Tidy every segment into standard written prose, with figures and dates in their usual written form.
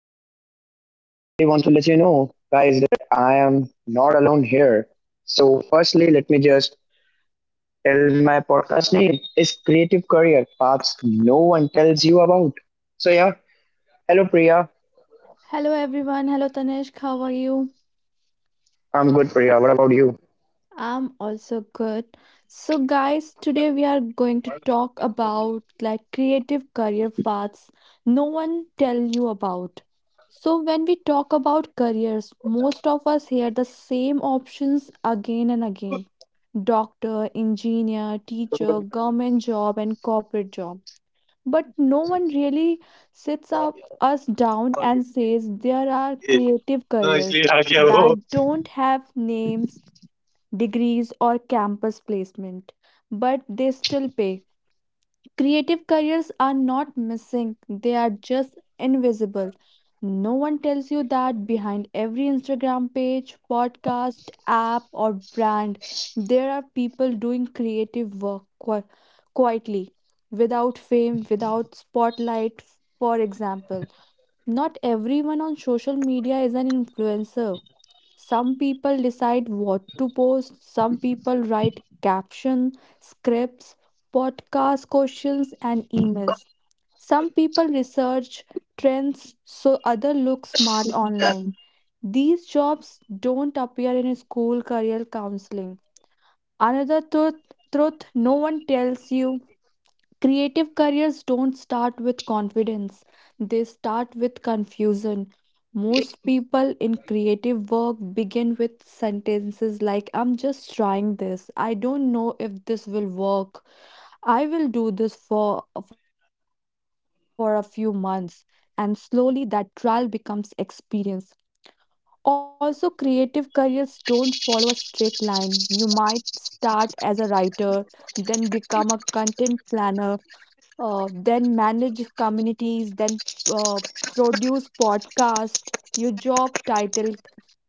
podcast. And I really want to let you know, guys, that I am not alone here. So, firstly, let me just tell my podcast name is Creative Career Paths No One Tells You About. So yeah, hello Priya. Hello everyone. Hello Tanishq. How are you? I'm good, Priya. What about you? I'm also good. So guys, today we are going to talk about like creative career paths no one tell you about. So when we talk about careers, most of us hear the same options again and again. Doctor, engineer, teacher, government job, and corporate job. But no one really sits up us down and says there are creative careers that don't have names, degrees, or campus placement, but they still pay. Creative careers are not missing, they are just invisible. No one tells you that behind every Instagram page, podcast, app, or brand, there are people doing creative work quietly, without fame, without spotlight. For example, not everyone on social media is an influencer. Some people decide what to post, some people write caption, scripts, podcast questions, and emails. Some people research trends so others look smart online. These jobs don't appear in a school career counseling. Another truth no one tells you: creative careers don't start with confidence, they start with confusion. Most people in creative work begin with sentences like, I'm just trying this. I don't know if this will work. I will do this for a few months. And slowly that trial becomes experience. Also, creative careers don't follow a straight line. You might start as a writer, then become a content planner, then manage communities, then uh, produce podcast. Your job title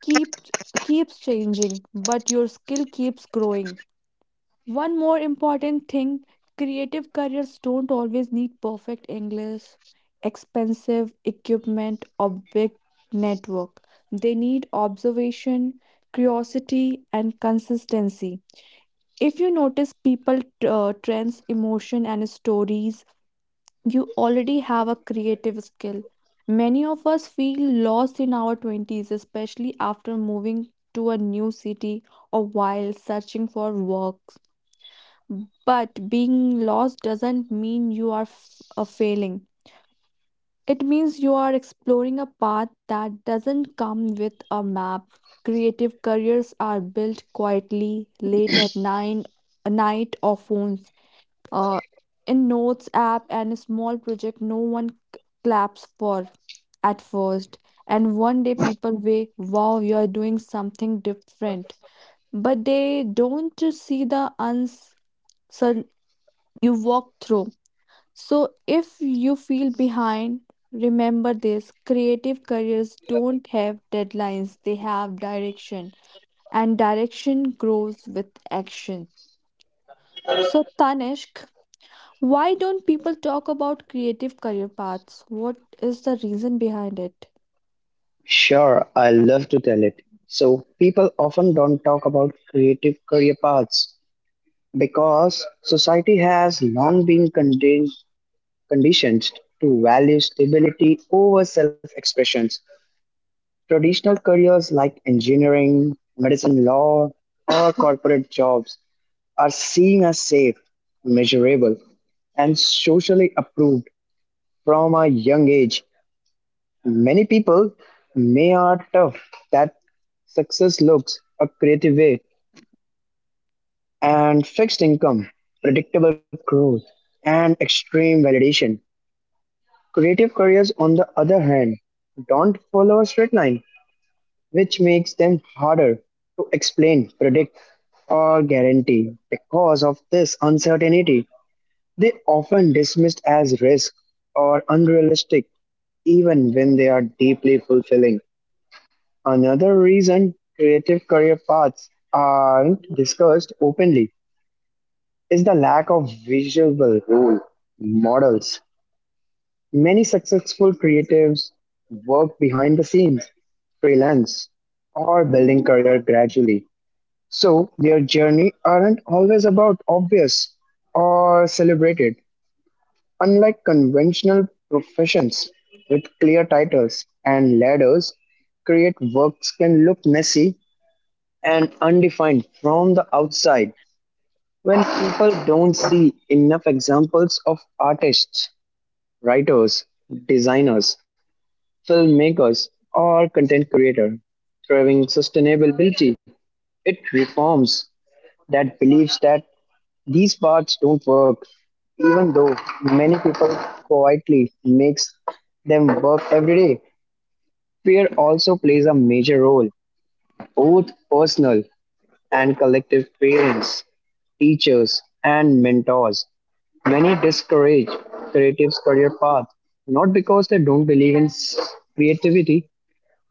keep keeps changing, but your skill keeps growing. One more important thing: creative careers don't always need perfect English, expensive equipment, or big network. They need observation, curiosity, and consistency. If you notice people, trends, emotion, and stories, you already have a creative skill. Many of us feel lost in our 20s, especially after moving to a new city or while searching for work. But being lost doesn't mean you are a failing. It means you are exploring a path that doesn't come with a map. Creative careers are built quietly, late at nine, night, or phones, uh, in notes app, and a small project no one claps for at first. And one day people way wow you are doing something different, but they don't see the uncertain you walk through. So if you feel behind, remember this: creative careers don't have deadlines, they have direction, and direction grows with action. So tanishk why don't people talk about creative career paths? What is the reason behind it? Sure, I love to tell it. So, people often don't talk about creative career paths because society has long been conditioned to value stability over self expression. Traditional careers like engineering, medicine, law, or corporate jobs are seen as safe, measurable, and socially approved from a young age. Many people may are tough that success looks a creative way and fixed income, predictable growth, and extreme validation. Creative careers, on the other hand, don't follow a straight line, which makes them harder to explain, predict, or guarantee. Because of this uncertainty, they often dismissed as risk or unrealistic, even when they are deeply fulfilling. Another reason creative career paths aren't discussed openly is the lack of visual role models. Many successful creatives work behind the scenes, freelance, or building career gradually. So their journey aren't always about obvious or celebrated, unlike conventional professions with clear titles and ladders. Create works can look messy and undefined from the outside when people don't see enough examples of artists, writers, designers, filmmakers, or content creators thriving sustainability. It reforms that believes that these parts don't work, even though many people quietly makes them work every day. Fear also plays a major role. Both personal and collective parents, teachers, and mentors. Many discourage creative's career path, not because they don't believe in creativity,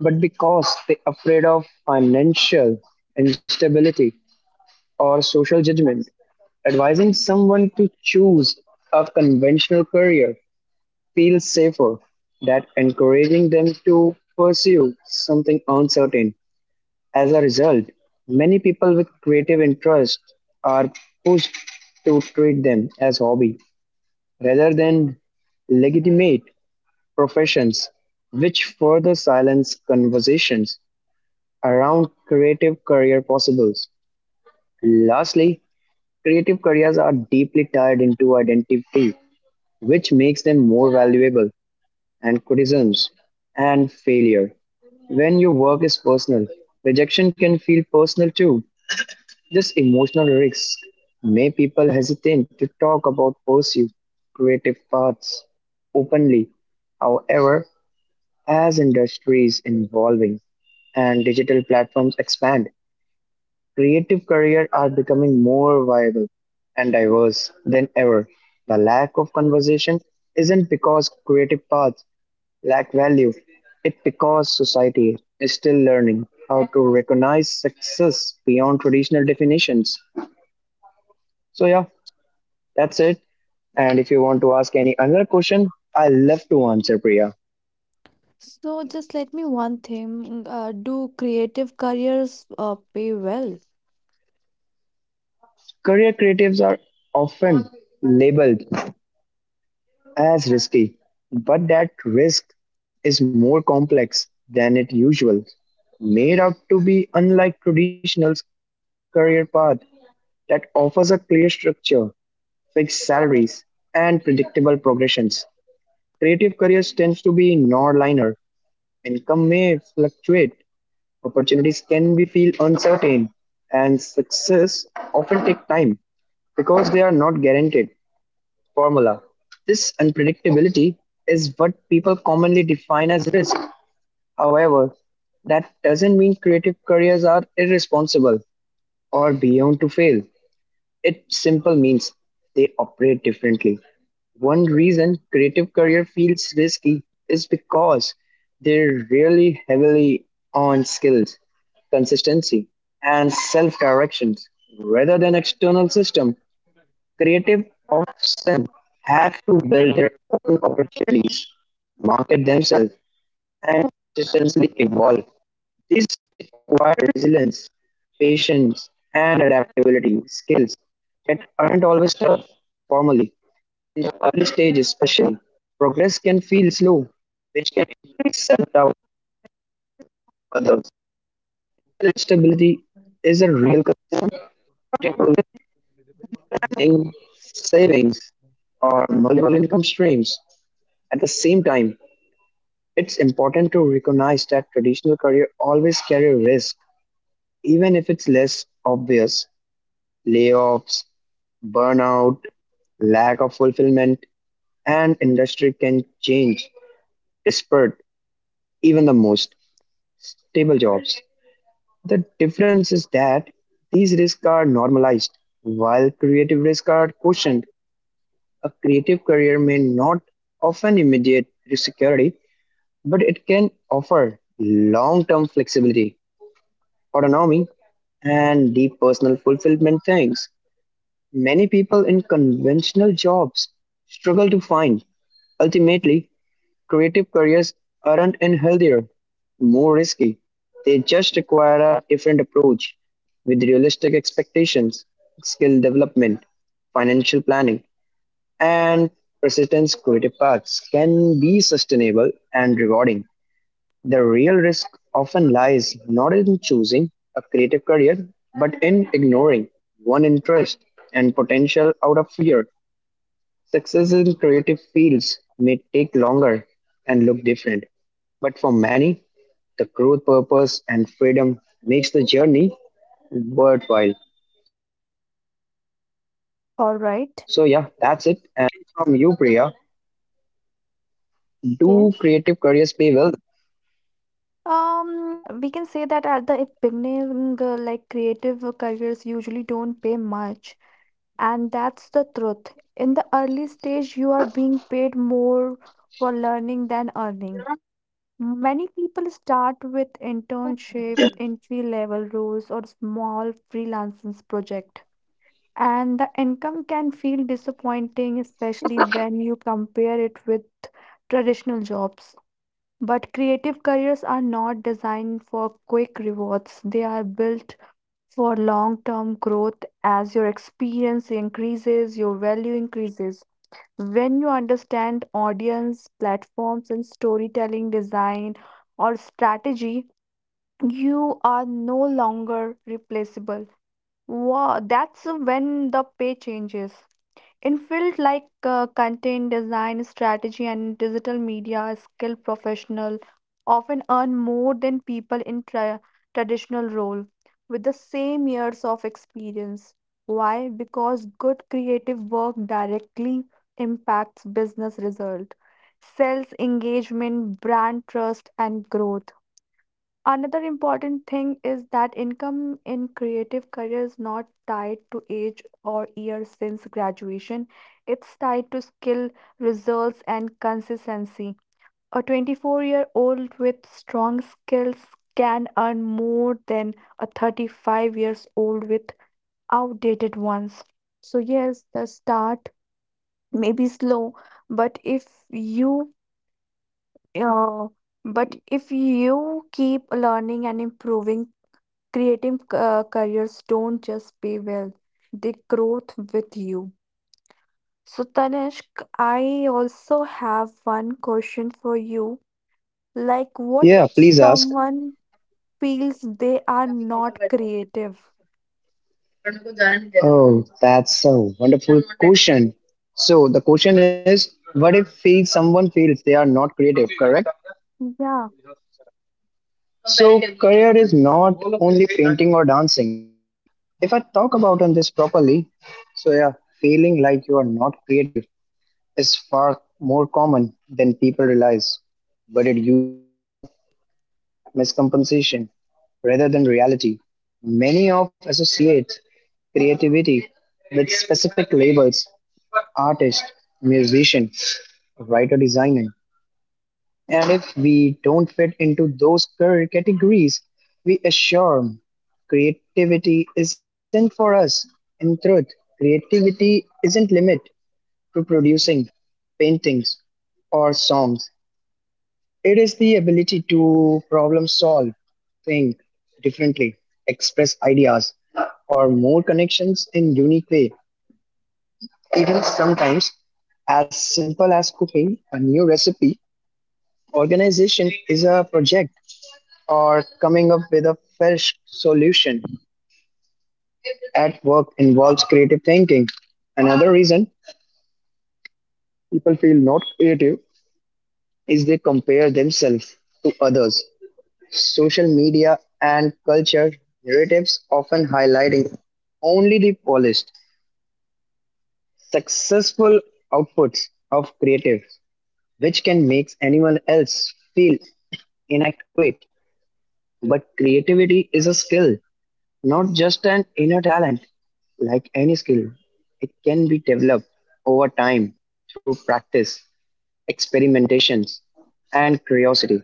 but because they're afraid of financial instability or social judgment. Advising someone to choose a conventional career feels safer than encouraging them to pursue something uncertain. As a result, many people with creative interests are pushed to treat them as hobby rather than legitimate professions, which further silence conversations around creative career possibles. Lastly, creative careers are deeply tied into identity, which makes them more valuable and criticisms and failure. When your work is personal, rejection can feel personal too. This emotional risk make people hesitate to talk about pursuit creative paths openly. However, as industries evolving and digital platforms expand, creative careers are becoming more viable and diverse than ever. The lack of conversation isn't because creative paths lack value, it's because society is still learning how to recognize success beyond traditional definitions. So, yeah, that's it. And if you want to ask any another question, I love to answer, Priya. So just let me one thing. Do creative careers pay well? Career creatives are often labeled as risky, but that risk is more complex than it usual. Made out to be unlike traditional career path that offers a clear structure, fixed salaries, and predictable progressions. Creative careers tends to be non-linear. Income may fluctuate, opportunities can be feel uncertain, and success often take time because they are not guaranteed formula. This unpredictability is what people commonly define as risk. However, that doesn't mean creative careers are irresponsible or beyond to fail. It simply means they operate differently. One reason creative career feels risky is because they're really heavily on skills, consistency, and self directions rather than external system. Creative often have to build their own opportunities, market themselves, and consistently evolve. This requires resilience, patience, and adaptability skills that aren't always taught formally. In the early stage, especially, progress can feel slow, which can increase self-doubt of others. Stability is a real concern, particularly in savings or multiple income streams. At the same time, it's important to recognize that traditional career always carry risk, even if it's less obvious. Layoffs, burnout, lack of fulfillment, and industry can change, despite even the most stable jobs. The difference is that these risks are normalized, while creative risks are cushioned. A creative career may not offer immediate security, but it can offer long term flexibility autonomy, and deep personal fulfillment things many people in conventional jobs struggle to find. Ultimately, creative careers aren't unhealthier, more risky. They just require a different approach with realistic expectations, skill development, financial planning, and persistence. Creative paths can be sustainable and rewarding. The real risk often lies not in choosing a creative career, but in ignoring one interest and potential out of fear. Success in creative fields may take longer and look different, but for many, the growth purpose and freedom makes the journey worthwhile. So yeah, that's it. And now I All really want to right. ask questions from you, Priya. Do creative Yes. careers pay well? We can say that at the beginning, like creative careers usually don't pay much, and that's the truth. In the early stage, you are being paid more for learning than earning. Many people start with internship, entry-level roles, or small freelancing project. And the income can feel disappointing, especially when you compare it with traditional jobs. But creative careers are not designed for quick rewards. They are built for long-term growth. As your experience increases, your value increases. When you understand audience, platforms, and storytelling design or strategy, you are no longer replaceable. Wow, that's when the pay changes. In fields like content design, strategy, and digital media, skilled professional often earn more than people in traditional role with the same years of experience. Why? Because good creative work directly impacts business result, sales engagement, brand trust, and growth. Another important thing is that income in creative career is not tied to age or years since graduation. It's tied to skill, results, and consistency. A 24-year-old with strong skills can earn more than a 35 years old with outdated ones. So, yes, the start may be slow, but if you uh, keep learning and improving, creative careers don't just pay well, they growth with you. So, Tanishk, I also have one question for you. Like, what if Yeah, please ask. someone feels they are not creative? Oh, that's a wonderful question. So the question is, what if feel someone feels they are not creative, correct? Yeah. So career is not only painting or dancing. If I talk about on this properly, so yeah, feeling like you are not creative is far more common than people realize, but it usually a miscompensation rather than reality. Many of associate creativity with specific labels artist, musician, writer, designer. And if we don't fit into those categories, we assure creativity isn't for us. In truth, creativity isn't limit to producing paintings or songs. It is the ability to problem solve, think differently, express ideas or more connections in unique way. Even sometimes, as simple as cooking a new recipe, organization is a project or coming up with a fresh solution. At work involves creative thinking. Another reason people feel not creative is they compare themselves to others. Social media and culture narratives often highlighting only the polished, successful outputs of creatives, which can make anyone else feel inadequate, but creativity is a skill, not just an inner talent. Like any skill, it can be developed over time through practice, experimentations, and curiosity.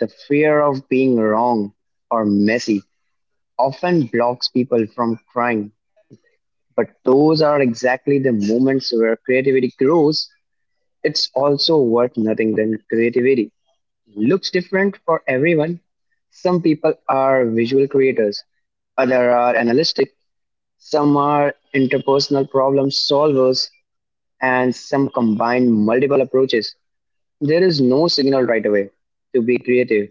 The fear of being wrong or messy often blocks people from trying, but those are exactly the moments where creativity grows. It's also worth nothing than creativity looks different for everyone. Some people are visual creators, other are analytic, some are interpersonal problem solvers, and some combine multiple approaches. There is no signal right away to be creative.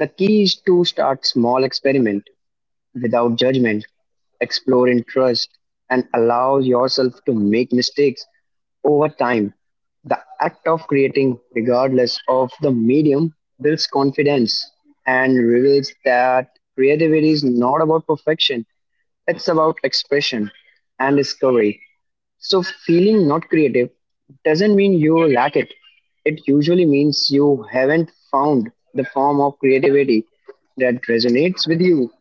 The key is to start small experiment without judgment, explore in trust, and allow yourself to make mistakes over time. The act of creating, regardless of the medium, builds confidence and reveals that creativity is not about perfection, it's about expression and discovery. So, feeling not creative doesn't mean you lack it, it usually means you haven't found the form of creativity that resonates with you.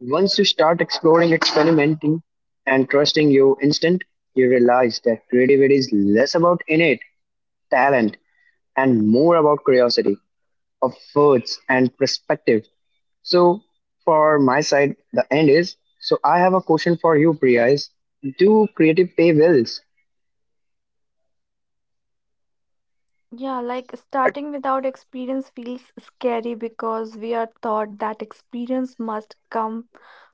Once you start exploring, experimenting, and trusting your instinct, you realize that creativity is less about innate talent and more about curiosity of words and perspective. So, for my side, the end is so I have a question for you, Priya. Is do creative pay bills? Yeah, like starting without experience feels scary because we are taught that experience must come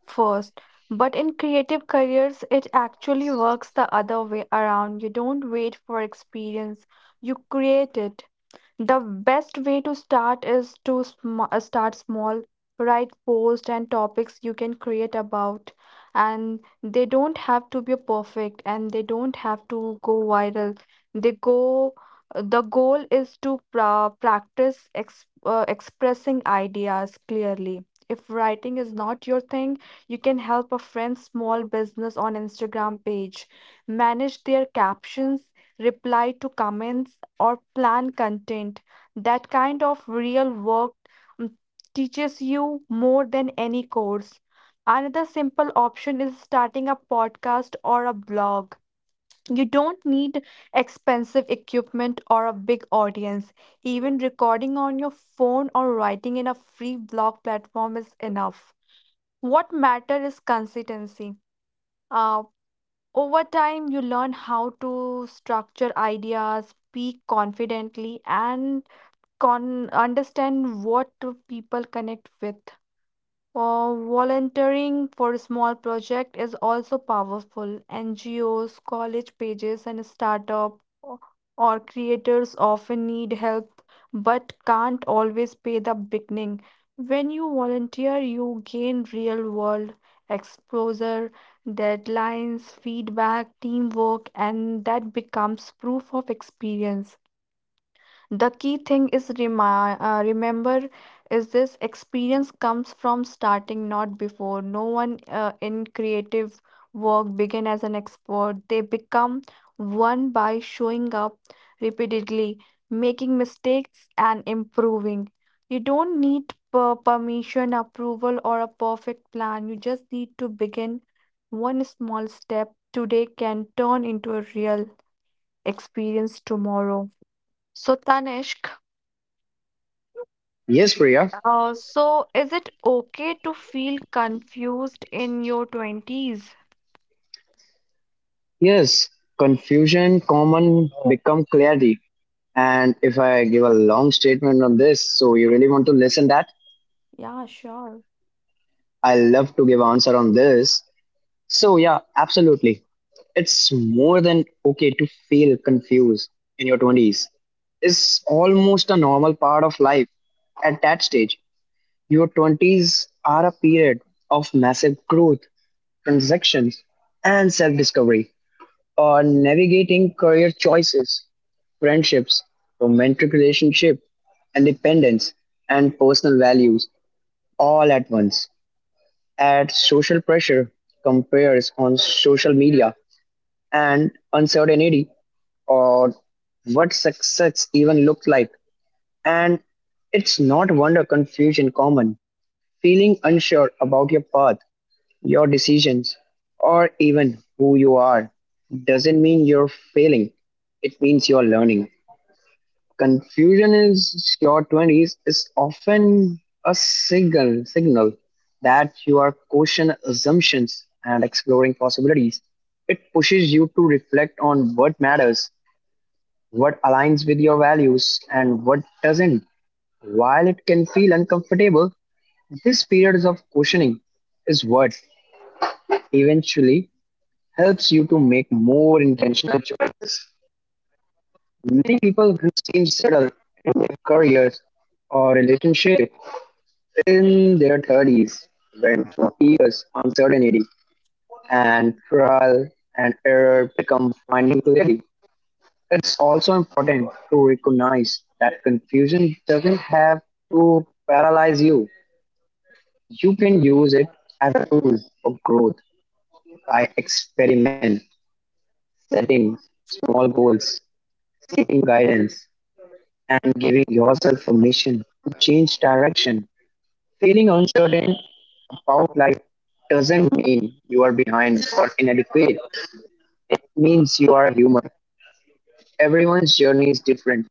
first. But in creative careers, it actually works the other way around. You don't wait for experience, you create it. The best way to start is to start small, write posts and topics you can create about, and they don't have to be perfect and they don't have to go viral. They go. The goal is to practice expressing ideas clearly. If writing is not your thing, you can help a friend's small business on Instagram page, manage their captions, reply to comments, or plan content. That kind of real work, mm, teaches you more than any course. Another simple option is starting a podcast or a blog. You don't need expensive equipment or a big audience. Even recording on your phone or writing in a free blog platform is enough. What matters is consistency. Uh, Over time, you learn how to structure ideas, speak confidently, and understand what people connect with. Volunteering for small project is also powerful. NGOs, college pages, and startup o- or creators often need help but can't always pay the beginning. When you volunteer, you gain real world exposure, deadlines, feedback, teamwork, and that becomes proof of experience. The key thing is remember is this: experience comes from starting, not before. No one in creative work begin as an expert. They become one by showing up repeatedly, making mistakes, and improving. You don't need permission, approval, or a perfect plan. You just need to begin. One small step today can turn into a real experience tomorrow. So Tanishk, Yes, Priya. So is it okay to feel confused in your 20s? Yes, confusion common become clarity. And if I give a long statement on this, so you really want to listen that? Yeah, sure. I love to give answer on this. So yeah, absolutely. It's more than okay to feel confused in your 20s. It's almost a normal part of life at that stage. Your 20s are a period of massive growth, transactions, and self-discovery. Or navigating career choices, friendships, romantic relationship, independence, and personal values all at once at social pressure, compares on social media, and uncertainty or what success even looks like. And it's not wonder confusion common. Feeling unsure about your path, your decisions, or even who you are doesn't mean you're failing. It means you're learning. Confusion in your 20s is often a signal that you are questioning assumptions and exploring possibilities. It pushes you to reflect on what matters, what aligns with your values, and what doesn't. While it can feel uncomfortable, this period of questioning is what eventually helps you to make more intentional choices. Many people who seem settled in their careers or relationships in their 30s, when for years uncertainty and trial and error become finding clarity. It's also important to recognize that confusion doesn't have to paralyze you. You can use it as a tool for growth by experiment, setting small goals, seeking guidance, and giving yourself permission to change direction. Feeling uncertain about life doesn't mean you are behind or inadequate. It means you are human. Everyone's journey is different,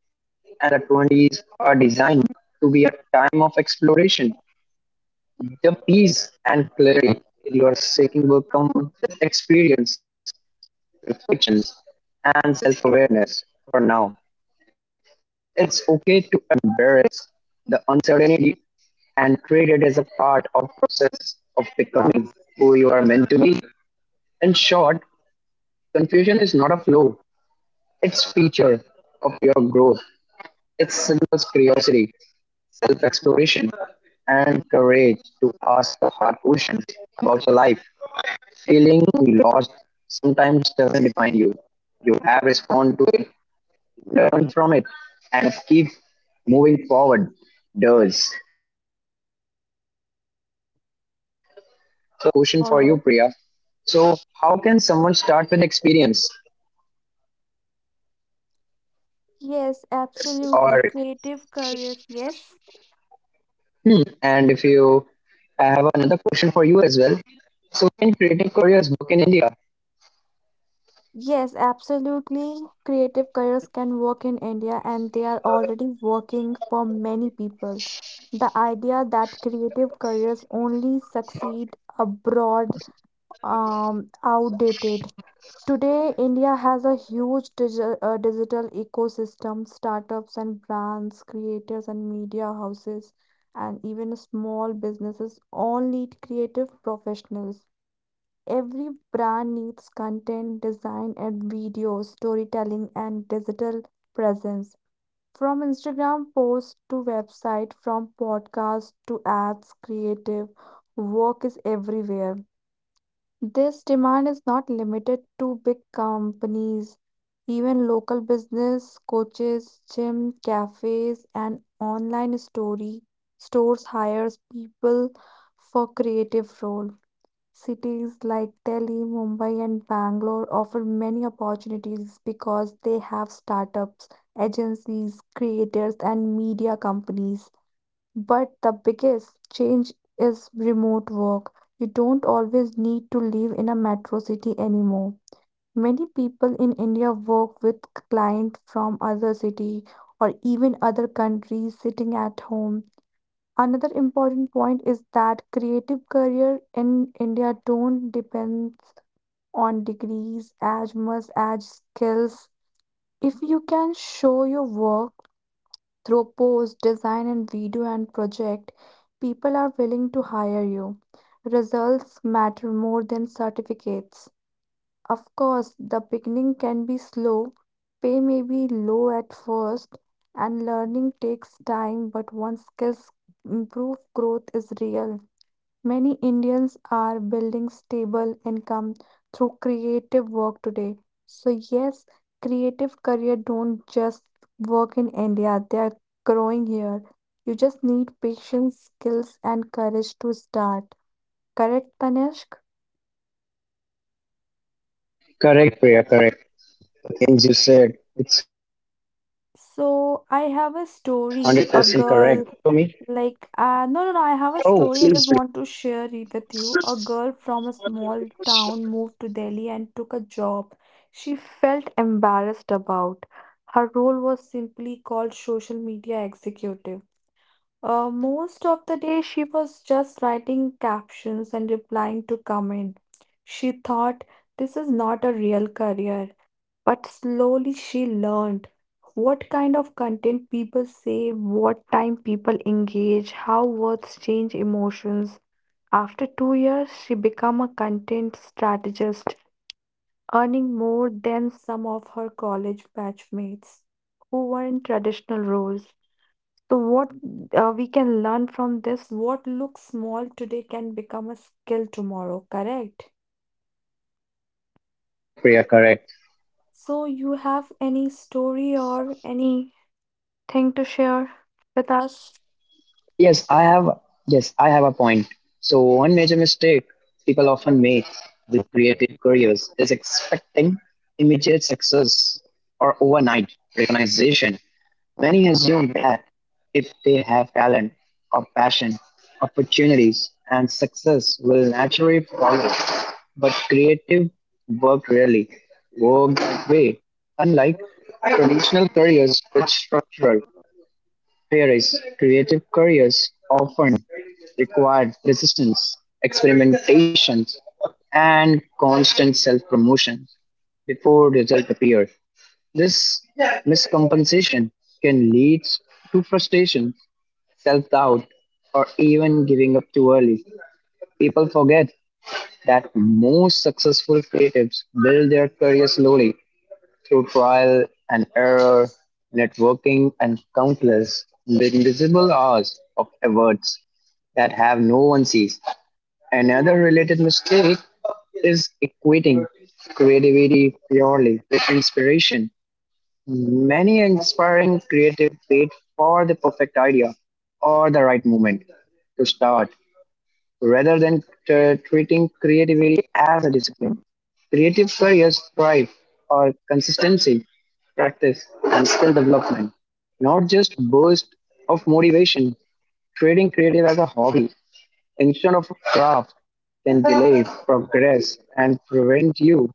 and the 20s are designed to be a time of exploration. The peace and clarity you are seeking will come with experience, reflections, and self awareness. For now, it's okay to embrace the uncertainty and treat it as a part of process of becoming who you are meant to be. In short, confusion is not a flaw; it's feature of your growth. It signals curiosity, self-exploration, and courage to ask the hard questions about your life. Feeling lost sometimes doesn't define you. You have respond to it, learn from it, and keep moving forward. Does. So yeah, that's it. And now I have a question for you, Priya. All right. So how can someone start with experience? Yes, absolutely. Or Creative careers, yes. And if you, I have another question for you as well. So can creative careers work in India? Yes, absolutely. Creative careers can work in India and they are already working for many people. The idea that creative careers only succeed abroad outdated. Today, India has a huge digital ecosystem, startups and brands, creators and media houses, and even small businesses all need creative professionals. Every brand needs content, design, and videos, storytelling, and digital presence. From Instagram posts to website, from podcasts to ads, creative work is everywhere. This demand is not limited to big companies. Even local business, coaches, gym, cafes, and online story stores hires people for creative role. Cities like Delhi, Mumbai, and Bangalore offer many opportunities because they have startups, agencies, creators, and media companies. But the biggest change is remote work. You don't always need to live in a metro city anymore. Many people in India work with clients from other city or even other countries sitting at home. Another important point is that creative career in India don't depend on degrees as much as skills. If you can show your work through post, design, and video and project, people are willing to hire you. Results matter more than certificates. Of course, the beginning can be slow, pay may be low at first, and learning takes time, but once skills improve, growth is real. Many Indians are building stable income through creative work today. So, yes, creative career don't just work in India, they are growing here. You just need patience, skills, and courage to start. Correct, Tanishq? Correct, Priya, correct. The things you said, it's 100% correct. So So I you have have a any question for story, me? a girl, like Oh, no no no, I please, have please. a story I just want to share it with you. A girl from a small town moved to Delhi and took a job she felt embarrassed about. Her role was simply called social media executive. Most of the day she was just writing captions and replying to comment. She thought this is not a real career. But slowly she learned what kind of content people say, what time people engage, how words change emotions. After 2 years, she became a content strategist, earning more than some of her college batchmates who were in traditional roles. So, what we can learn from this, what looks small today can become a skill tomorrow, correct? Correct, Priya, correct. So, you have any story or any thing to share Yes, with us? yes, I have, yes, I have a point. So one major mistake people often make with creative careers is expecting immediate success or overnight recognition. Many assume that if they have talent or passion, opportunities and success will naturally follow. But creative work rarely work that way, unlike traditional careers which structural. Whereas creative careers often required persistence, experimentation, and constant self-promotion before results appear. This miscompensation can lead to frustration, self-doubt, or even giving up too early. People forget that most successful creatives build their career slowly through trial and error, networking, and countless, the invisible hours of efforts that have no one sees. Another related mistake is equating creativity purely with inspiration. Many inspiring creative wait for the perfect idea or the right moment to start rather than treating creativity as a discipline. Creative careers thrive on consistency, practice, and skill development, not just bursts of motivation. Treating creative as a hobby instead of a craft can delay progress and prevent you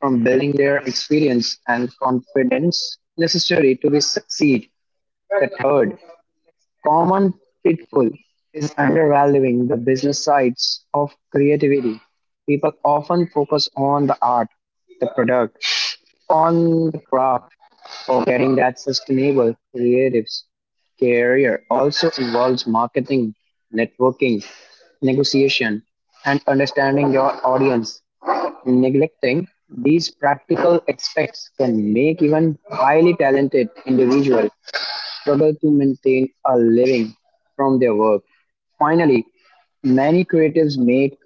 from building their experience and confidence necessary to be succeed. The third, common pitfall is undervaluing the business sides of creativity. People often focus on the art, the product, on the craft, forgetting that sustainable creatives career also involves marketing, networking, negotiation, and understanding your audience. Neglecting these practical aspects can make even highly talented individuals struggle to maintain a living from their work. Finally, many creatives make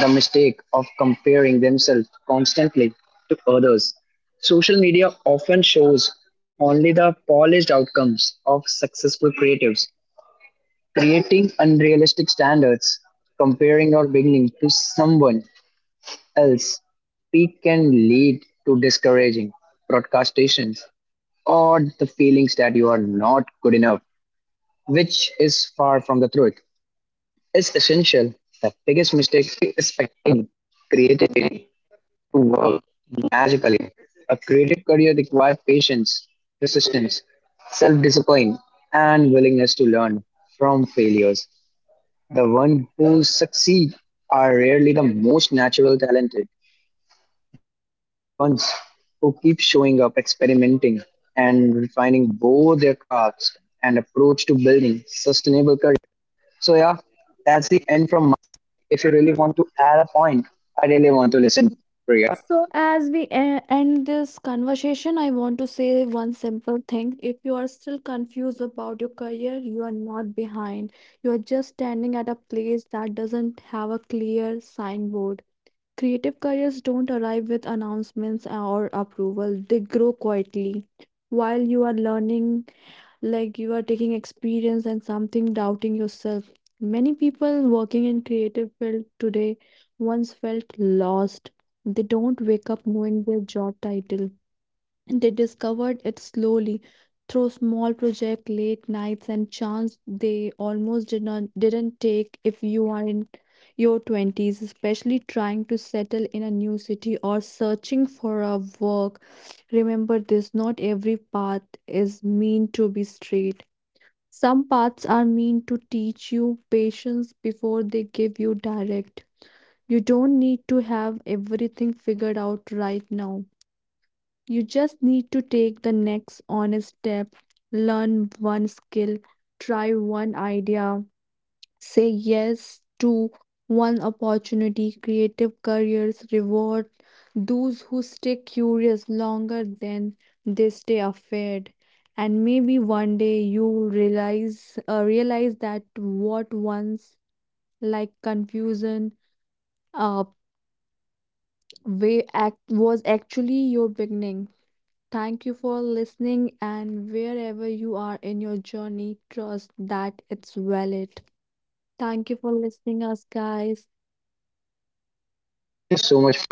the mistake of comparing themselves constantly to others. Social media often shows only the polished outcomes of successful creatives, creating unrealistic standards. Comparing our beginning to someone else peak can lead to discouraging broadcastations or the feelings that you are not good enough, which is far from the truth. It's essential. The biggest mistake is expecting creativity to work magically. A creative career requires patience, persistence, self discipline, and willingness to learn from failures. The ones who succeed are rarely the most natural talented. They are the ones who keep showing up, experimenting, and refining both their crafts and approach to building sustainable careers. So yeah, that's the end from my. If you really want to add a point, I really want to listen, Priya. So, as we end this conversation, I want to say one simple thing. If you are still confused about your career, you are not behind. You are just standing at a place that doesn't have a clear signboard. Creative careers don't arrive with announcements or approval, they grow quietly. While you are learning, like you are taking experience and something doubting yourself. Many people working in creative field today once felt lost. They don't wake up knowing their job title. And they discovered it slowly through small project, late nights, and chance they almost didn't take. If you are in your 20s, especially trying to settle in a new city or searching for a work, remember this: not every path is meant to be straight. Some paths are meant to teach you patience before they give you direct. You don't need to have everything figured out right now. You just need to take the next honest step, learn one skill, try one idea, say yes to one opportunity. Creative careers reward those who stay curious longer than they stay afraid. And maybe one day you will realize realize that what once confusion uh, way act was actually your beginning. Thank you for listening, and wherever you are in your journey, trust that it's valid. Thank you for listening us, guys. Thank you so much for listening.